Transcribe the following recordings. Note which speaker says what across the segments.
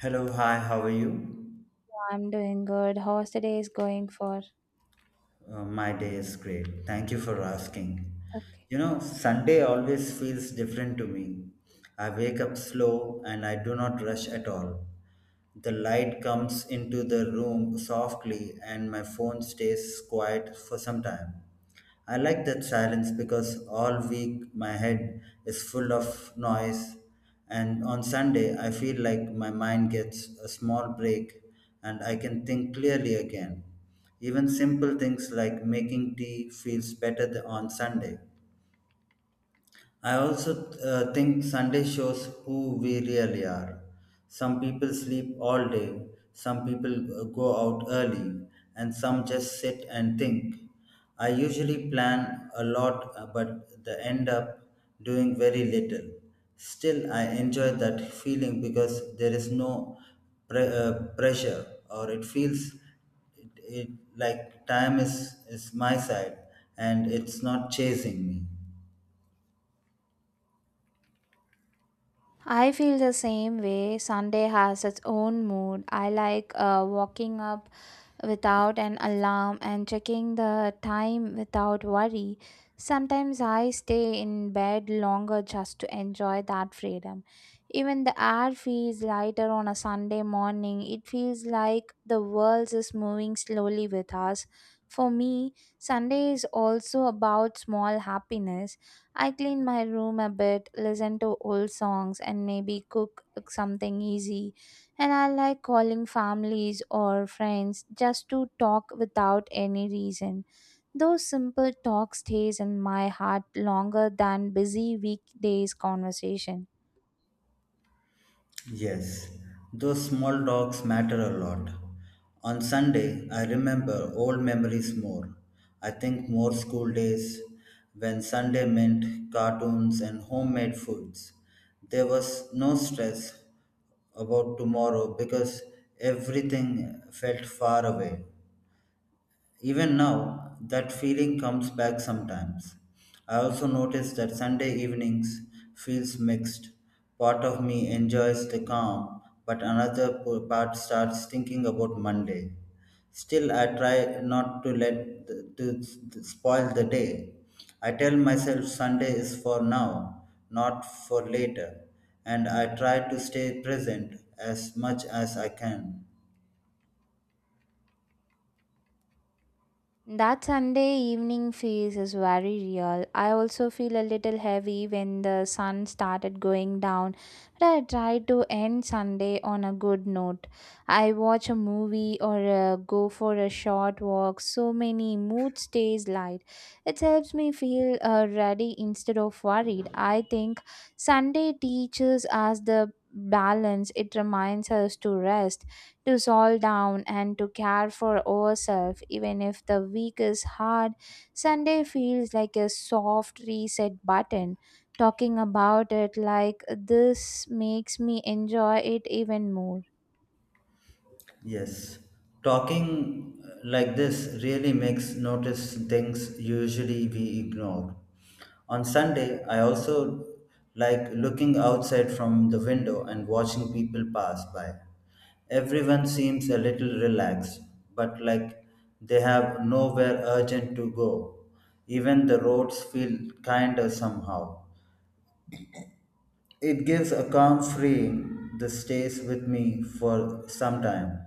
Speaker 1: Hello, hi, how are you?
Speaker 2: I'm doing good. How's the day is going for?
Speaker 1: My day is great. Thank you for asking.
Speaker 2: Okay.
Speaker 1: You know, Sunday always feels different to me. I wake up slow and I do not rush at all. The light comes into the room softly and my phone stays quiet for some time. I like that silence because all week my head is full of noise, and on Sunday I feel like my mind gets a small break and I can think clearly again. Even simple things like making tea feels better on Sunday. I also think Sunday shows who we really are. Some people sleep all day, some people go out early, and some just sit and think. I usually plan a lot, but the end up doing very little. Still, I enjoy that feeling because there is no pre- uh, pressure, or it feels it, it, like time is my side and it's not chasing me.
Speaker 2: I feel the same way. Sunday has its own mood. I like walking up without an alarm and checking the time without worry. Sometimes I stay in bed longer just to enjoy that freedom. Even the air feels lighter on a Sunday morning. It feels like the world is moving slowly with us. For me, Sunday is also about small happiness. I clean my room a bit, listen to old songs, and maybe cook something easy. And I like calling families or friends just to talk without any reason. Those simple talk stays in my heart longer than busy weekdays conversation.
Speaker 1: Yes, those small talks matter a lot. On Sunday, I remember old memories more. I think more school days when Sunday meant cartoons and homemade foods. There was no stress about tomorrow because everything felt far away. Even now, that feeling comes back sometimes. I also notice that Sunday evenings feels mixed. Part of me enjoys the calm, but another part starts thinking about Monday. Still, I try not to let to to spoil the day. I tell myself Sunday is for now, not for later, and I try to stay present as much as I can.
Speaker 2: That Sunday evening phase is very real. I also feel a little heavy when the sun started going down, but I try to end Sunday on a good note. I watch a movie or go for a short walk. So many mood stays light. It helps me feel ready instead of worried. I think Sunday teaches us the balance. It reminds us to rest, to solve down, and to care for ourselves, even if the week is hard. Sunday feels like a soft reset button. Talking about it like this makes me enjoy it even more.
Speaker 1: Yes, talking like this really makes notice things usually we ignore. On Sunday, I also like looking outside from the window and watching people pass by. Everyone seems a little relaxed, but like they have nowhere urgent to go. Even the roads feel kinder somehow. It gives a calm freeing that stays with me for some time.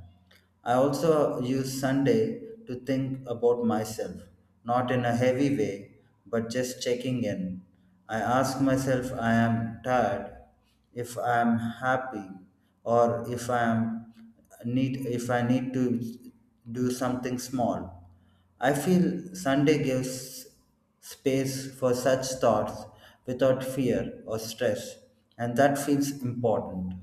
Speaker 1: I also use Sunday to think about myself, not in a heavy way, but just checking in. I ask myself I am tired if I'm happy or if I need to do something small. I feel Sunday gives space for such thoughts without fear or stress, and that feels important.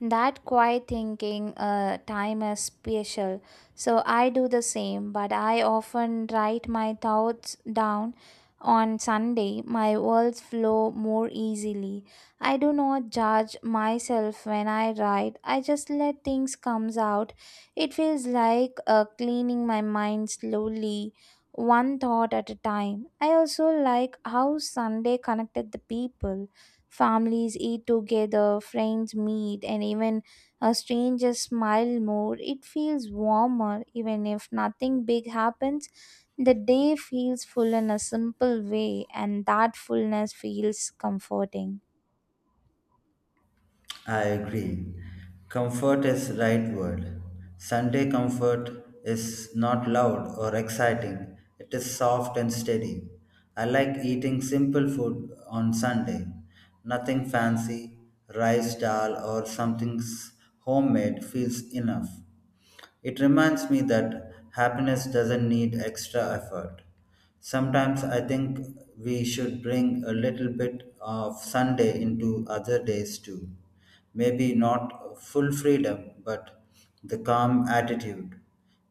Speaker 2: That quiet thinking time is special. So I do the same, but I often write my thoughts down on Sunday. My words flow more easily. I do not judge myself when I write. I just let things comes out. It feels like cleaning my mind slowly, one thought at a time. I also like how Sunday connected the people. Families eat together, friends meet, and even a stranger smile more. It feels warmer even if nothing big happens. The day feels full in a simple way, and that fullness feels comforting.
Speaker 1: I agree. Comfort is right word. Sunday comfort is not loud or exciting. It is soft and steady. I like eating simple food on Sunday. Nothing fancy, rice dal or something homemade feels enough. It reminds me that happiness doesn't need extra effort. Sometimes I think we should bring a little bit of Sunday into other days too. Maybe not full freedom, but the calm attitude.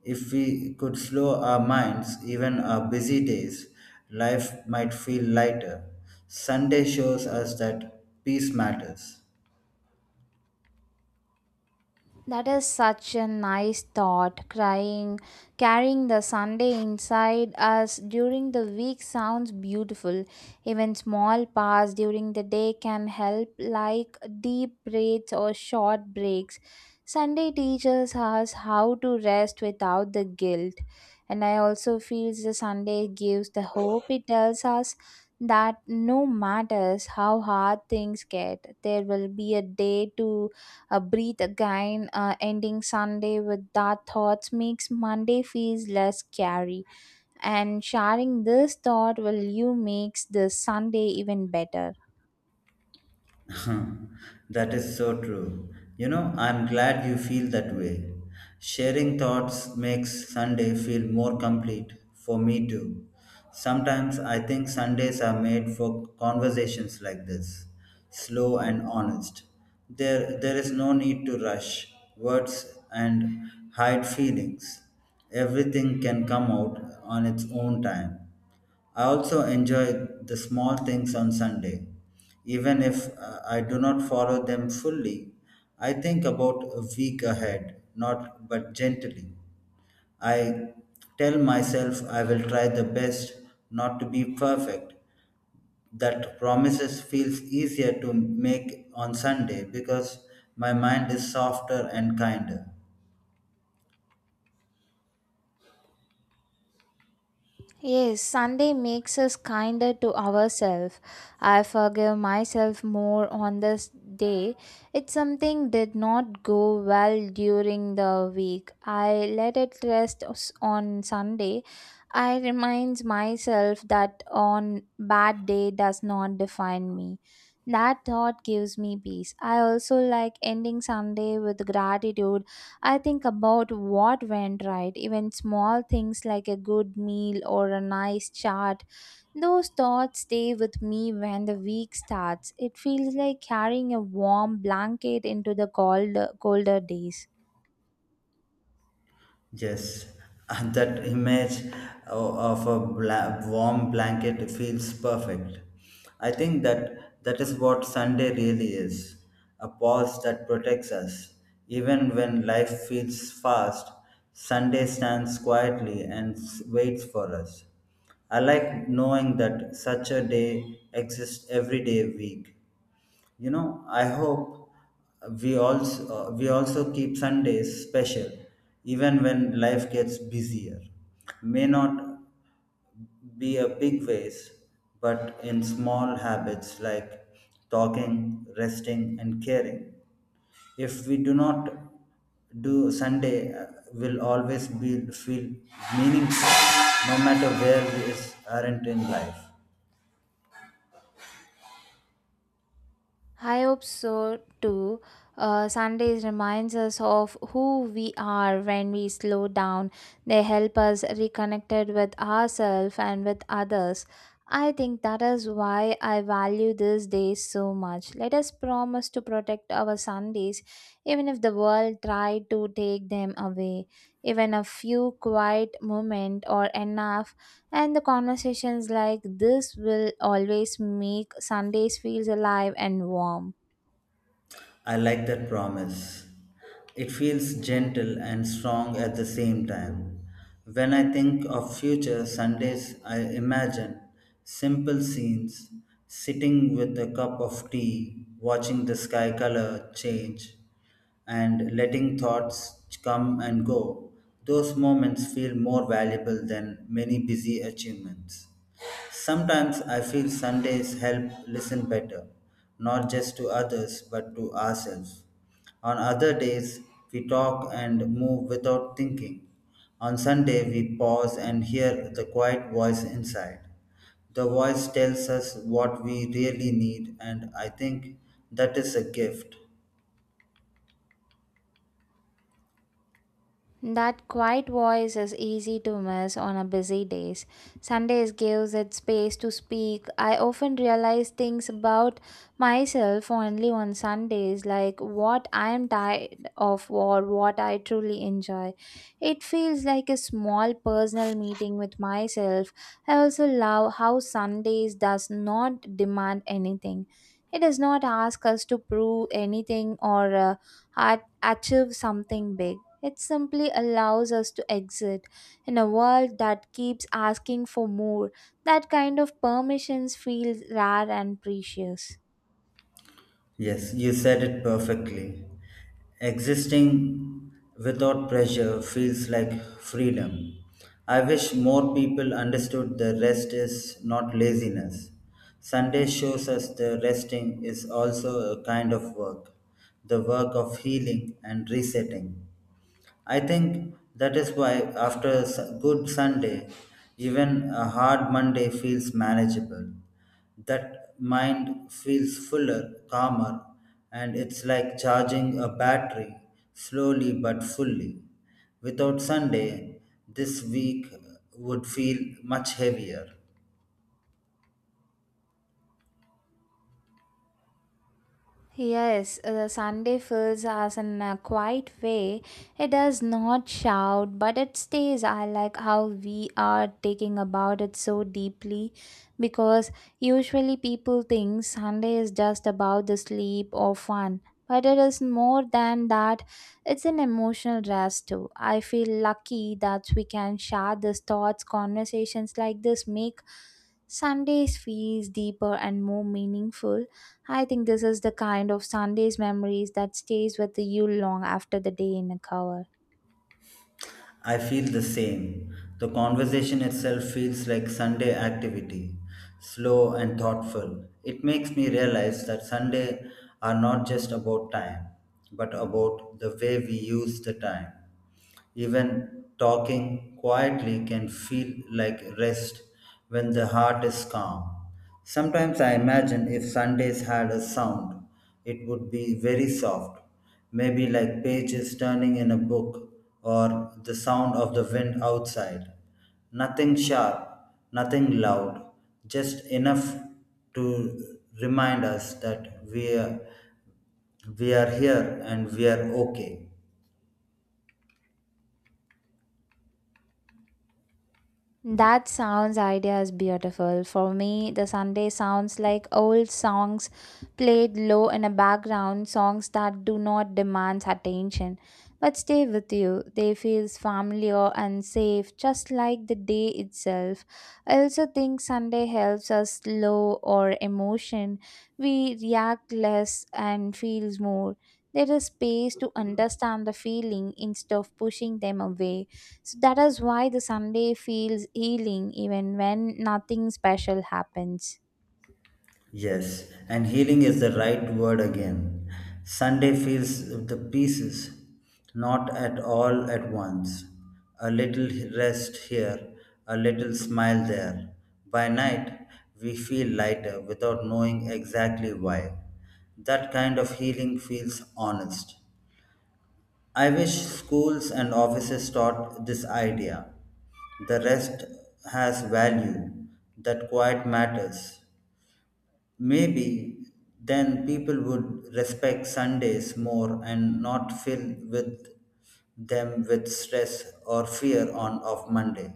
Speaker 1: If we could slow our minds, even our busy days, life might feel lighter. Sunday shows us that peace matters.
Speaker 2: That is such a nice thought. Crying, carrying the Sunday inside us during the week sounds beautiful. Even small pass during the day can help, like deep breaths or short breaks. Sunday teaches us how to rest without the guilt. And I also feel the Sunday gives the hope. It tells us that no matters how hard things get, there will be a day to breathe again. Ending Sunday with that thoughts makes Monday feels less scary, and sharing this thought will you makes the Sunday even better.
Speaker 1: That is so true. You know, I'm glad you feel that way. Sharing thoughts makes Sunday feel more complete for me too. Sometimes I think Sundays are made for conversations like this, slow and honest. There is no need to rush words and hide feelings. Everything can come out on its own time. I also enjoy the small things on Sunday. Even if I do not follow them fully, I think about a week ahead, not but gently. I tell myself I will try the best not to be perfect. That promises feels easier to make on Sunday because my mind is softer and kinder.
Speaker 2: Yes, Sunday makes us kinder to ourselves. I forgive myself more on this day. If something did not go well during the week, I let it rest on Sunday. I remind myself that on bad day does not define me. That thought gives me peace. I also like ending Sunday with gratitude. I think about what went right, even small things like a good meal or a nice chat. Those thoughts stay with me when the week starts. It feels like carrying a warm blanket into the cold, colder days.
Speaker 1: Yes, and that image of a warm blanket feels perfect. I think that is what Sunday really is, a pause that protects us. Even when life feels fast, Sunday stands quietly and waits for us. I like knowing that such a day exists every day week. You know, I hope we also keep Sundays special, even when life gets busier. May not be a big ways, but in small habits like talking, resting, and caring. If we do not do Sunday, will always be feel meaningful, no matter where we is, aren't in life.
Speaker 2: I hope so too. Sundays reminds us of who we are when we slow down. They help us reconnected with ourselves and with others. I think that is why I value these days so much. Let us promise to protect our Sundays, even if the world tried to take them away. Even a few quiet moment or enough, and the conversations like this will always make Sundays feels alive and warm.
Speaker 1: I like that promise. It feels gentle and strong at the same time. When I think of future Sundays, I imagine simple scenes, sitting with a cup of tea, watching the sky color change, and letting thoughts come and go. Those moments feel more valuable than many busy achievements. Sometimes I feel Sundays help listen better, not just to others but to ourselves. On other days, we talk and move without thinking. On Sunday, we pause and hear the quiet voice inside. The voice tells us what we really need, and I think that is a gift.
Speaker 2: That quiet voice is easy to miss on a busy days. Sundays gives it space to speak. I often realize things about myself only on Sundays, like what I am tired of or what I truly enjoy. It feels like a small personal meeting with myself. I also love how Sundays does not demand anything. It does not ask us to prove anything or uh, achieve something big. It simply allows us to exist in a world that keeps asking for more. That kind of permissions feels rare and precious.
Speaker 1: Yes, you said it perfectly. Existing without pressure feels like freedom. I wish more people understood the rest is not laziness. Sunday shows us the resting is also a kind of work, the work of healing and resetting. I think that is why after a good Sunday, even a hard Monday feels manageable, that mind feels fuller, calmer, and it's like charging a battery slowly but fully. Without Sunday, this week would feel much heavier.
Speaker 2: Yes, Sunday feels as in a quiet way. It does not shout, but it stays. I like how we are taking about it so deeply because usually people think Sunday is just about the sleep or fun. But it is more than that. It's an emotional rest too. I feel lucky that we can share these thoughts, conversations like this make Sundays feels deeper and more meaningful. I think this is the kind of Sundays memories that stays with you long after the day in a cover.
Speaker 1: I feel the same. The conversation itself feels like Sunday activity, slow and thoughtful. It makes me realize that Sunday are not just about time, but about the way we use the time. Even talking quietly can feel like rest when the heart is calm. Sometimes I imagine if Sundays had a sound, it would be very soft, maybe like pages turning in a book or the sound of the wind outside. Nothing sharp, nothing loud, just enough to remind us that we are here and we are okay.
Speaker 2: That sounds idea is beautiful. For me, the Sunday sounds like old songs played low in a background, songs that do not demand attention but stay with you. They feel familiar and safe, just like the day itself. I also think Sunday helps us slow our emotion. We react less and feels more. There is space to understand the feeling instead of pushing them away. So that is why the Sunday feels healing even when nothing special happens.
Speaker 1: Yes, and healing is the right word again. Sunday feels the pieces, not at all at once. A little rest here, a little smile there. By night, we feel lighter without knowing exactly why. That kind of healing feels honest. I wish schools and offices taught this idea. The rest has value, that quiet matters. Maybe then people would respect Sundays more and not fill with them with stress or fear on of Monday.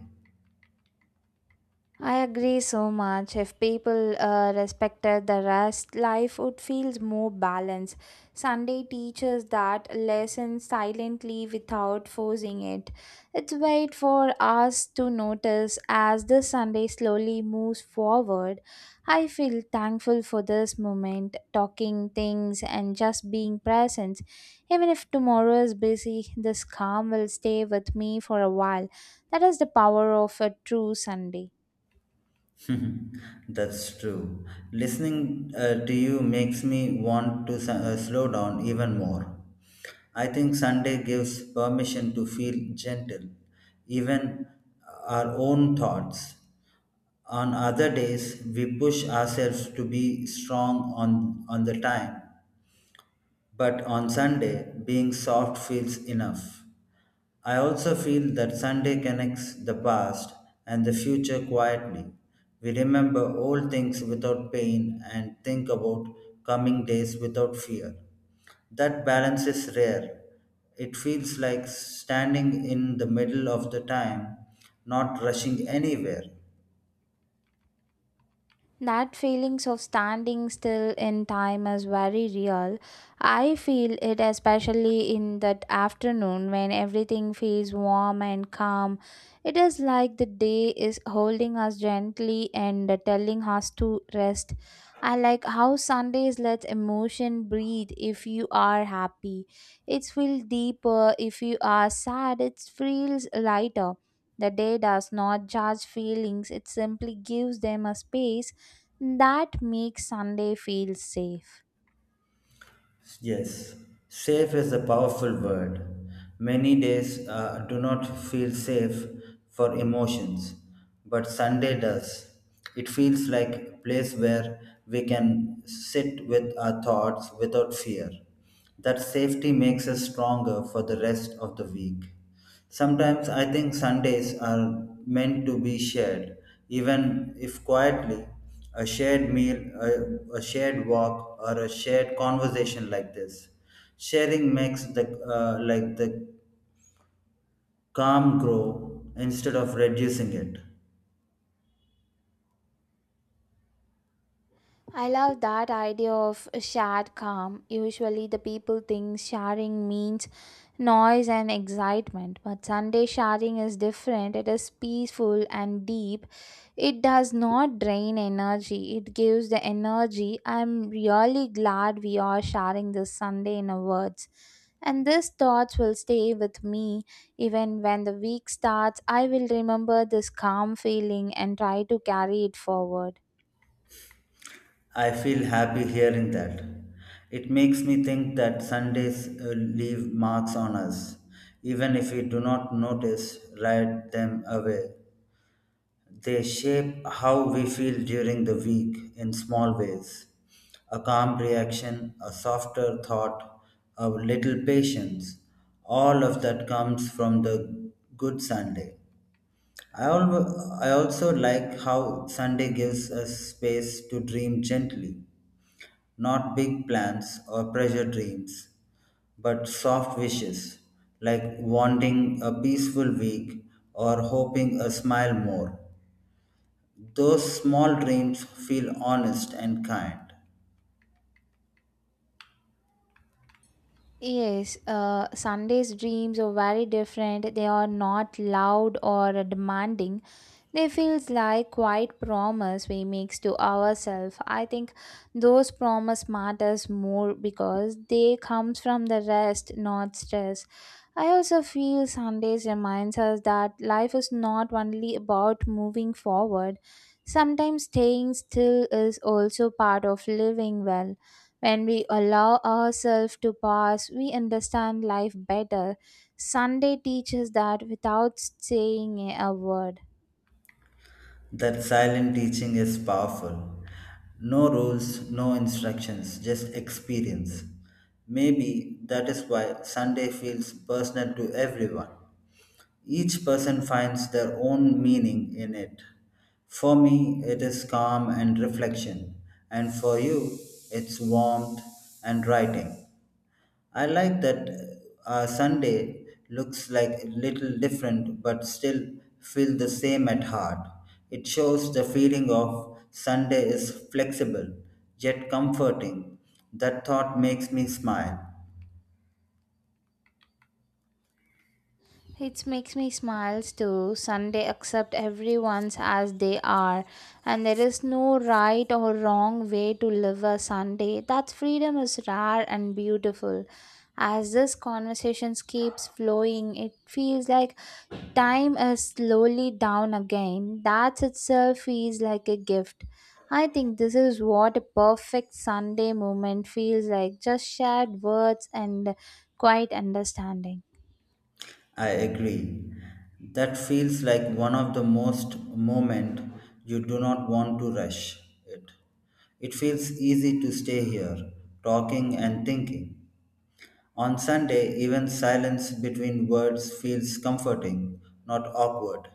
Speaker 2: I agree so much. If people respected the rest, life would feel more balanced. Sunday teaches that lesson silently without forcing it. It's wait for us to notice as the Sunday slowly moves forward. I feel thankful for this moment, talking things and just being present. Even if tomorrow is busy, this calm will stay with me for a while. That is the power of a true Sunday.
Speaker 1: That's true. Listening to you makes me want to slow down even more. I think Sunday gives permission to feel gentle, even our own thoughts. On other days, we push ourselves to be strong on the time. But on Sunday, being soft feels enough. I also feel that Sunday connects the past and the future quietly. We remember old things without pain and think about coming days without fear. That balance is rare. It feels like standing in the middle of the time, not rushing anywhere.
Speaker 2: That feelings of standing still in time is very real. I feel it especially in that afternoon when everything feels warm and calm. It is like the day is holding us gently and telling us to rest. I like how Sundays let emotion breathe if you are happy. It feels deeper if you are sad. It feels lighter. The day does not judge feelings, it simply gives them a space that makes Sunday feel safe.
Speaker 1: Yes, safe is a powerful word. Many days do not feel safe for emotions, but Sunday does. It feels like a place where we can sit with our thoughts without fear. That safety makes us stronger for the rest of the week. Sometimes I think Sundays are meant to be shared, even if quietly. A shared meal, a shared walk, or a shared conversation like this. Sharing makes the like the calm grow instead of reducing it.
Speaker 2: I love that idea of a shared calm. Usually, the people think sharing means noise and excitement, but Sunday sharing is different. It is peaceful and deep. It does not drain energy, it gives the energy. I'm really glad we are sharing this Sunday in our words. And these thoughts will stay with me even when the week starts. I will remember this calm feeling and try to carry it forward.
Speaker 1: I feel happy hearing that. It makes me think that Sundays leave marks on us, even if we do not notice, write them away. They shape how we feel during the week in small ways. A calm reaction, a softer thought, a little patience. All of that comes from the good Sunday. I also like how Sunday gives us space to dream gently, not big plans or pressure dreams, but soft wishes like wanting a peaceful week or hoping a smile more. Those small dreams feel honest and kind.
Speaker 2: Yes, Sunday's dreams are very different. They are not loud or demanding. They feels like quiet promise we makes to ourselves. I think those promise matters more because they comes from the rest, not stress. I also feel Sundays reminds us that life is not only about moving forward. Sometimes staying still is also part of living well. When we allow ourselves to pass, we understand life better. Sunday teaches that without saying a word.
Speaker 1: That silent teaching is powerful. No rules, no instructions, just experience. Maybe that is why Sunday feels personal to everyone. Each person finds their own meaning in it. For me, it is calm and reflection, and for you, it's warmth and writing. I like that Sunday looks like a little different but still feel the same at heart. It shows the feeling of Sunday is flexible yet comforting. That thought makes me smile.
Speaker 2: It makes me smiles too. Sunday accept everyone's as they are, and there is no right or wrong way to live a Sunday. That freedom is rare and beautiful. As this conversation keeps flowing, it feels like time is slowly down again. That itself feels like a gift. I think this is what a perfect Sunday moment feels like, just shared words and quiet understanding.
Speaker 1: I agree. That feels like one of the most moment you do not want to rush it. It feels easy to stay here, talking and thinking. On Sunday, even silence between words feels comforting, not awkward.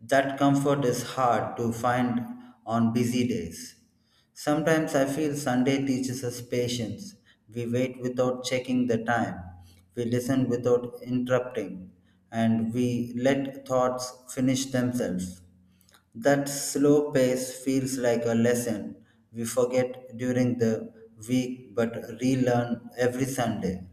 Speaker 1: That comfort is hard to find on busy days. Sometimes I feel Sunday teaches us patience. We wait without checking the time, we listen without interrupting, and we let thoughts finish themselves. That slow pace feels like a lesson we forget during the week but relearn every Sunday.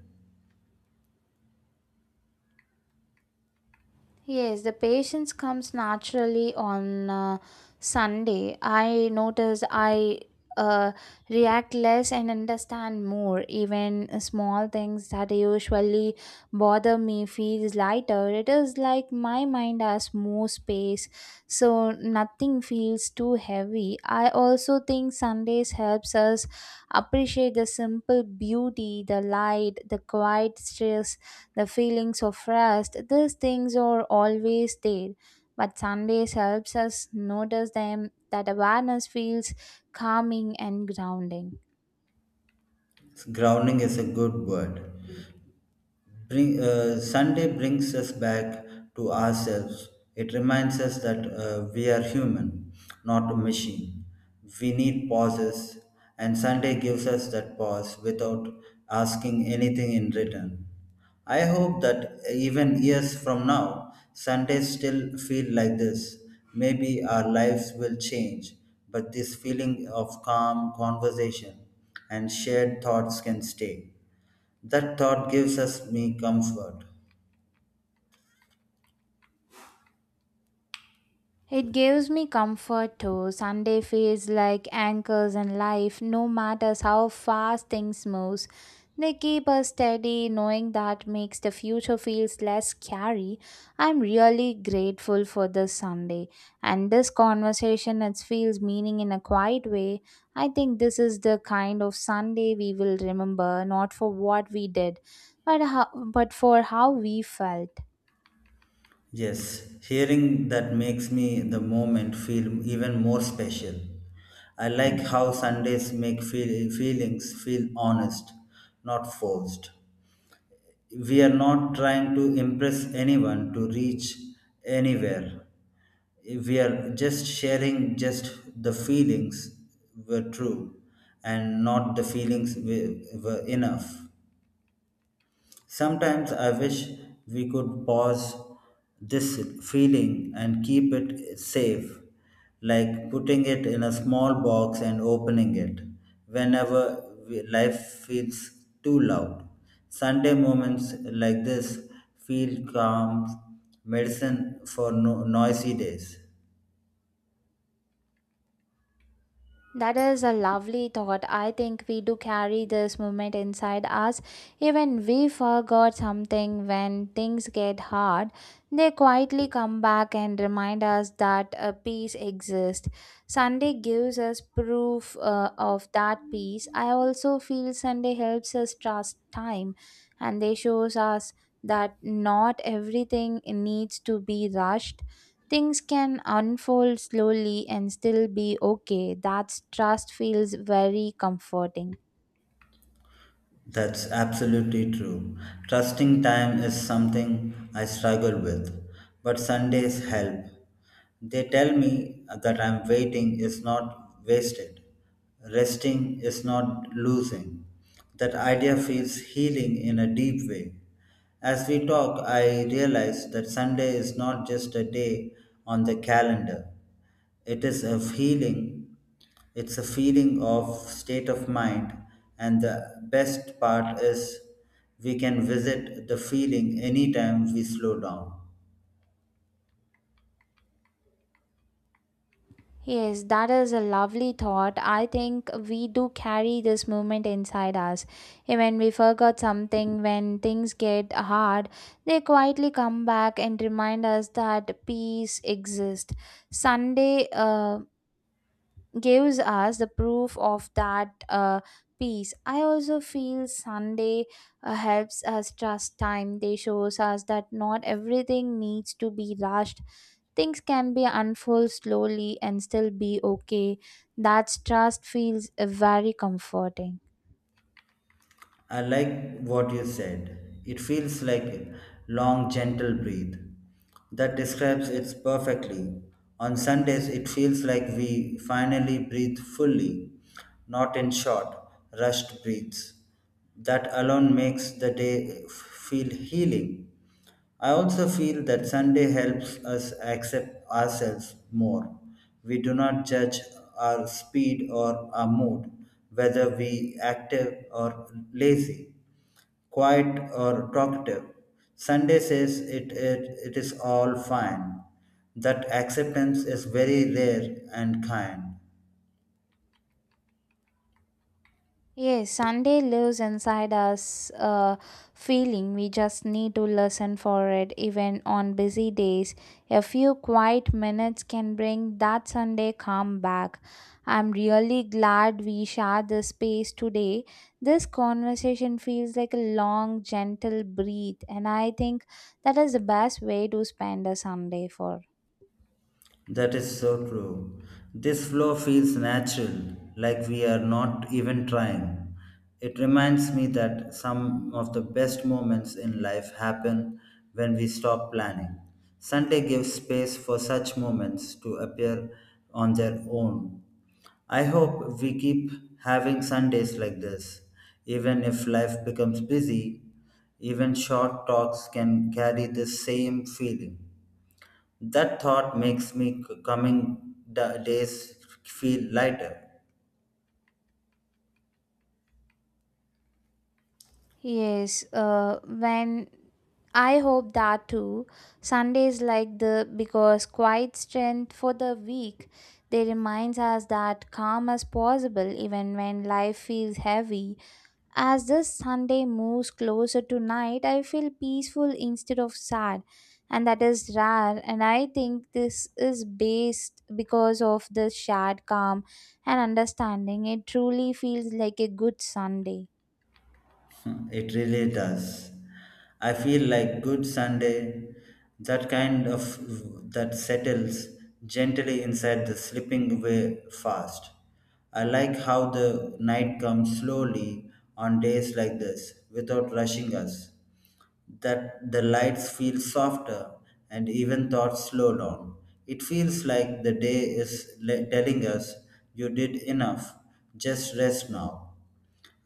Speaker 2: Yes, the patience comes naturally on Sunday. I notice I uh, react less and understand more. Even small things that usually bother me feels lighter. It is like my mind has more space, so nothing feels too heavy. I also think Sundays helps us appreciate the simple beauty, the light, the quiet stillness, the feelings of rest, these things are always there. But Sundays helps us notice them that awareness feels calming and grounding.
Speaker 1: Grounding is a good word. Sunday brings us back to ourselves. It reminds us that we are human, not a machine. We need pauses, and Sunday gives us that pause without asking anything in return. I hope that even years from now, Sundays still feel like this. Maybe our lives will change, but this feeling of calm conversation and shared thoughts can stay. That thought gives us me comfort.
Speaker 2: It gives me comfort too. Sunday feels like anchors in life, no matter how fast things move. They keep us steady, knowing that makes the future feels less scary. I'm really grateful for this Sunday. And this conversation it feels meaning in a quiet way. I think this is the kind of Sunday we will remember, not for what we did, but how, but for how we felt.
Speaker 1: Yes, hearing that makes me the moment feel even more special. I like how Sundays feelings feel honest, not forced. We are not trying to impress anyone to reach anywhere. We are just sharing just the feelings were true and not the were enough. Sometimes I wish we could pause this feeling and keep it safe, like putting it in a small box and opening it whenever life feels too loud. Sunday moments like this feel calm medicine for noisy days.
Speaker 2: That is a lovely thought. I think we do carry this movement inside us. Even we forgot something when things get hard, they quietly come back and remind us that a peace exists. Sunday gives us proof of that peace. I also feel Sunday helps us trust time, and they shows us that not everything needs to be rushed. Things can unfold slowly and still be okay. That trust feels very comforting.
Speaker 1: That's absolutely true. Trusting time is something I struggle with, but Sundays help. They tell me that I'm waiting is not wasted, resting is not losing. That idea feels healing in a deep way. As we talk, I realize that Sunday is not just a day on the calendar, it is a healing, it's a feeling of state of mind, and the best part is we can visit the feeling anytime we slow down.
Speaker 2: Yes, that is a lovely thought. I think we do carry this moment inside us. Even we forgot something when things get hard, they quietly come back and remind us that peace exists. Sunday, gives us the proof of that peace. I also feel Sunday helps us trust time. They shows us that not everything needs to be rushed. Things can be unfold slowly and still be okay. That trust feels very comforting.
Speaker 1: I like what you said. It feels like a long, gentle breathe. That describes it perfectly. On Sundays, it feels like we finally breathe fully, not in short, rushed breaths. That alone makes the day feel healing. I also feel that Sunday helps us accept ourselves more. We do not judge our speed or our mood, whether we active or lazy, quiet or talkative. Sunday says it is all fine. That acceptance is very rare and kind.
Speaker 2: Yes, Sunday lives inside us, feeling we just need to listen for it even on busy days. A few quiet minutes can bring that Sunday calm back. I'm really glad we shared this space today. This conversation feels like a long, gentle breathe, and I think that is the best way to spend a Sunday for.
Speaker 1: That is so true. This flow feels natural, like we are not even trying. It reminds me that some of the best moments in life happen when we stop planning. Sunday gives space for such moments to appear on their own. I hope we keep having Sundays like this. Even if life becomes busy, even short talks can carry the same feeling. That thought makes me days feel lighter.
Speaker 2: Yes, when I hope that too. Sundays like the because quiet strength for the week. They reminds us that calm as possible even when life feels heavy. As this Sunday moves closer to night, I feel peaceful instead of sad. And that is rare, and I think this is based because of the shared calm and understanding. It truly feels like a good Sunday.
Speaker 1: It really does. I feel like good Sunday, that kind of that settles gently inside the slipping way fast. I like how the night comes slowly on days like this without rushing us. That the lights feel softer and even thoughts slow down. It feels like the day is telling us you did enough, just rest now.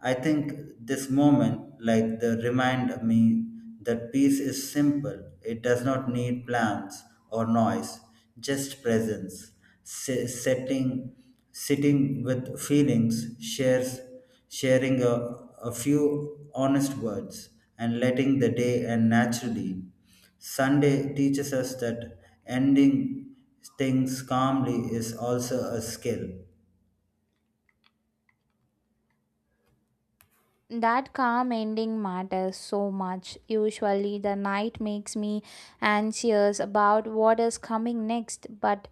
Speaker 1: I think this moment, like the remind me that peace is simple. It does not need plans or noise, just presence. Se- setting, Sitting with feelings, sharing a few honest words, and letting the day end naturally. Sunday teaches us that ending things calmly is also a skill.
Speaker 2: That calm ending matters so much. Usually, the night makes me anxious about what is coming next, but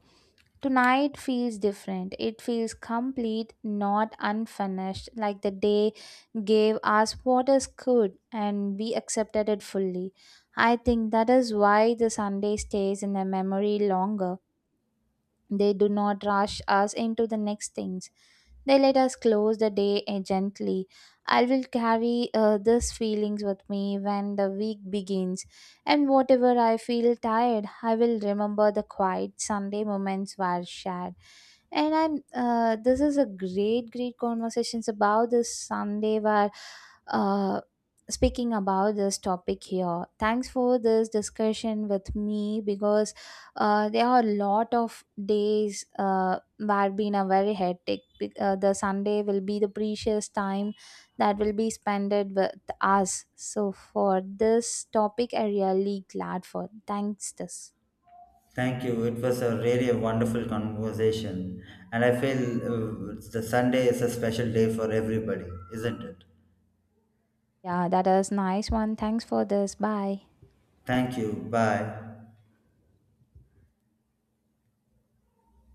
Speaker 2: tonight feels different. It feels complete, not unfinished, like the day gave us what is good and we accepted it fully. I think that is why the Sunday stays in the memory longer. They do not rush us into the next things. They let us close the day gently. I will carry these feelings with me when the week begins, and whatever I feel tired, I will remember the quiet Sunday moments were shared. And I'm this is a great, great conversations about this Sunday were uh, speaking about this topic here. Thanks for this discussion with me because there are a lot of days where been a very hectic the Sunday will be the precious time that will be spent with us. So for this topic I really glad for thanks this.
Speaker 1: Thank you. It was a really a wonderful conversation, and I feel the Sunday is a special day for everybody, isn't it?
Speaker 2: Yeah, that is nice one. Thanks for this. Bye.
Speaker 1: Thank you. Bye.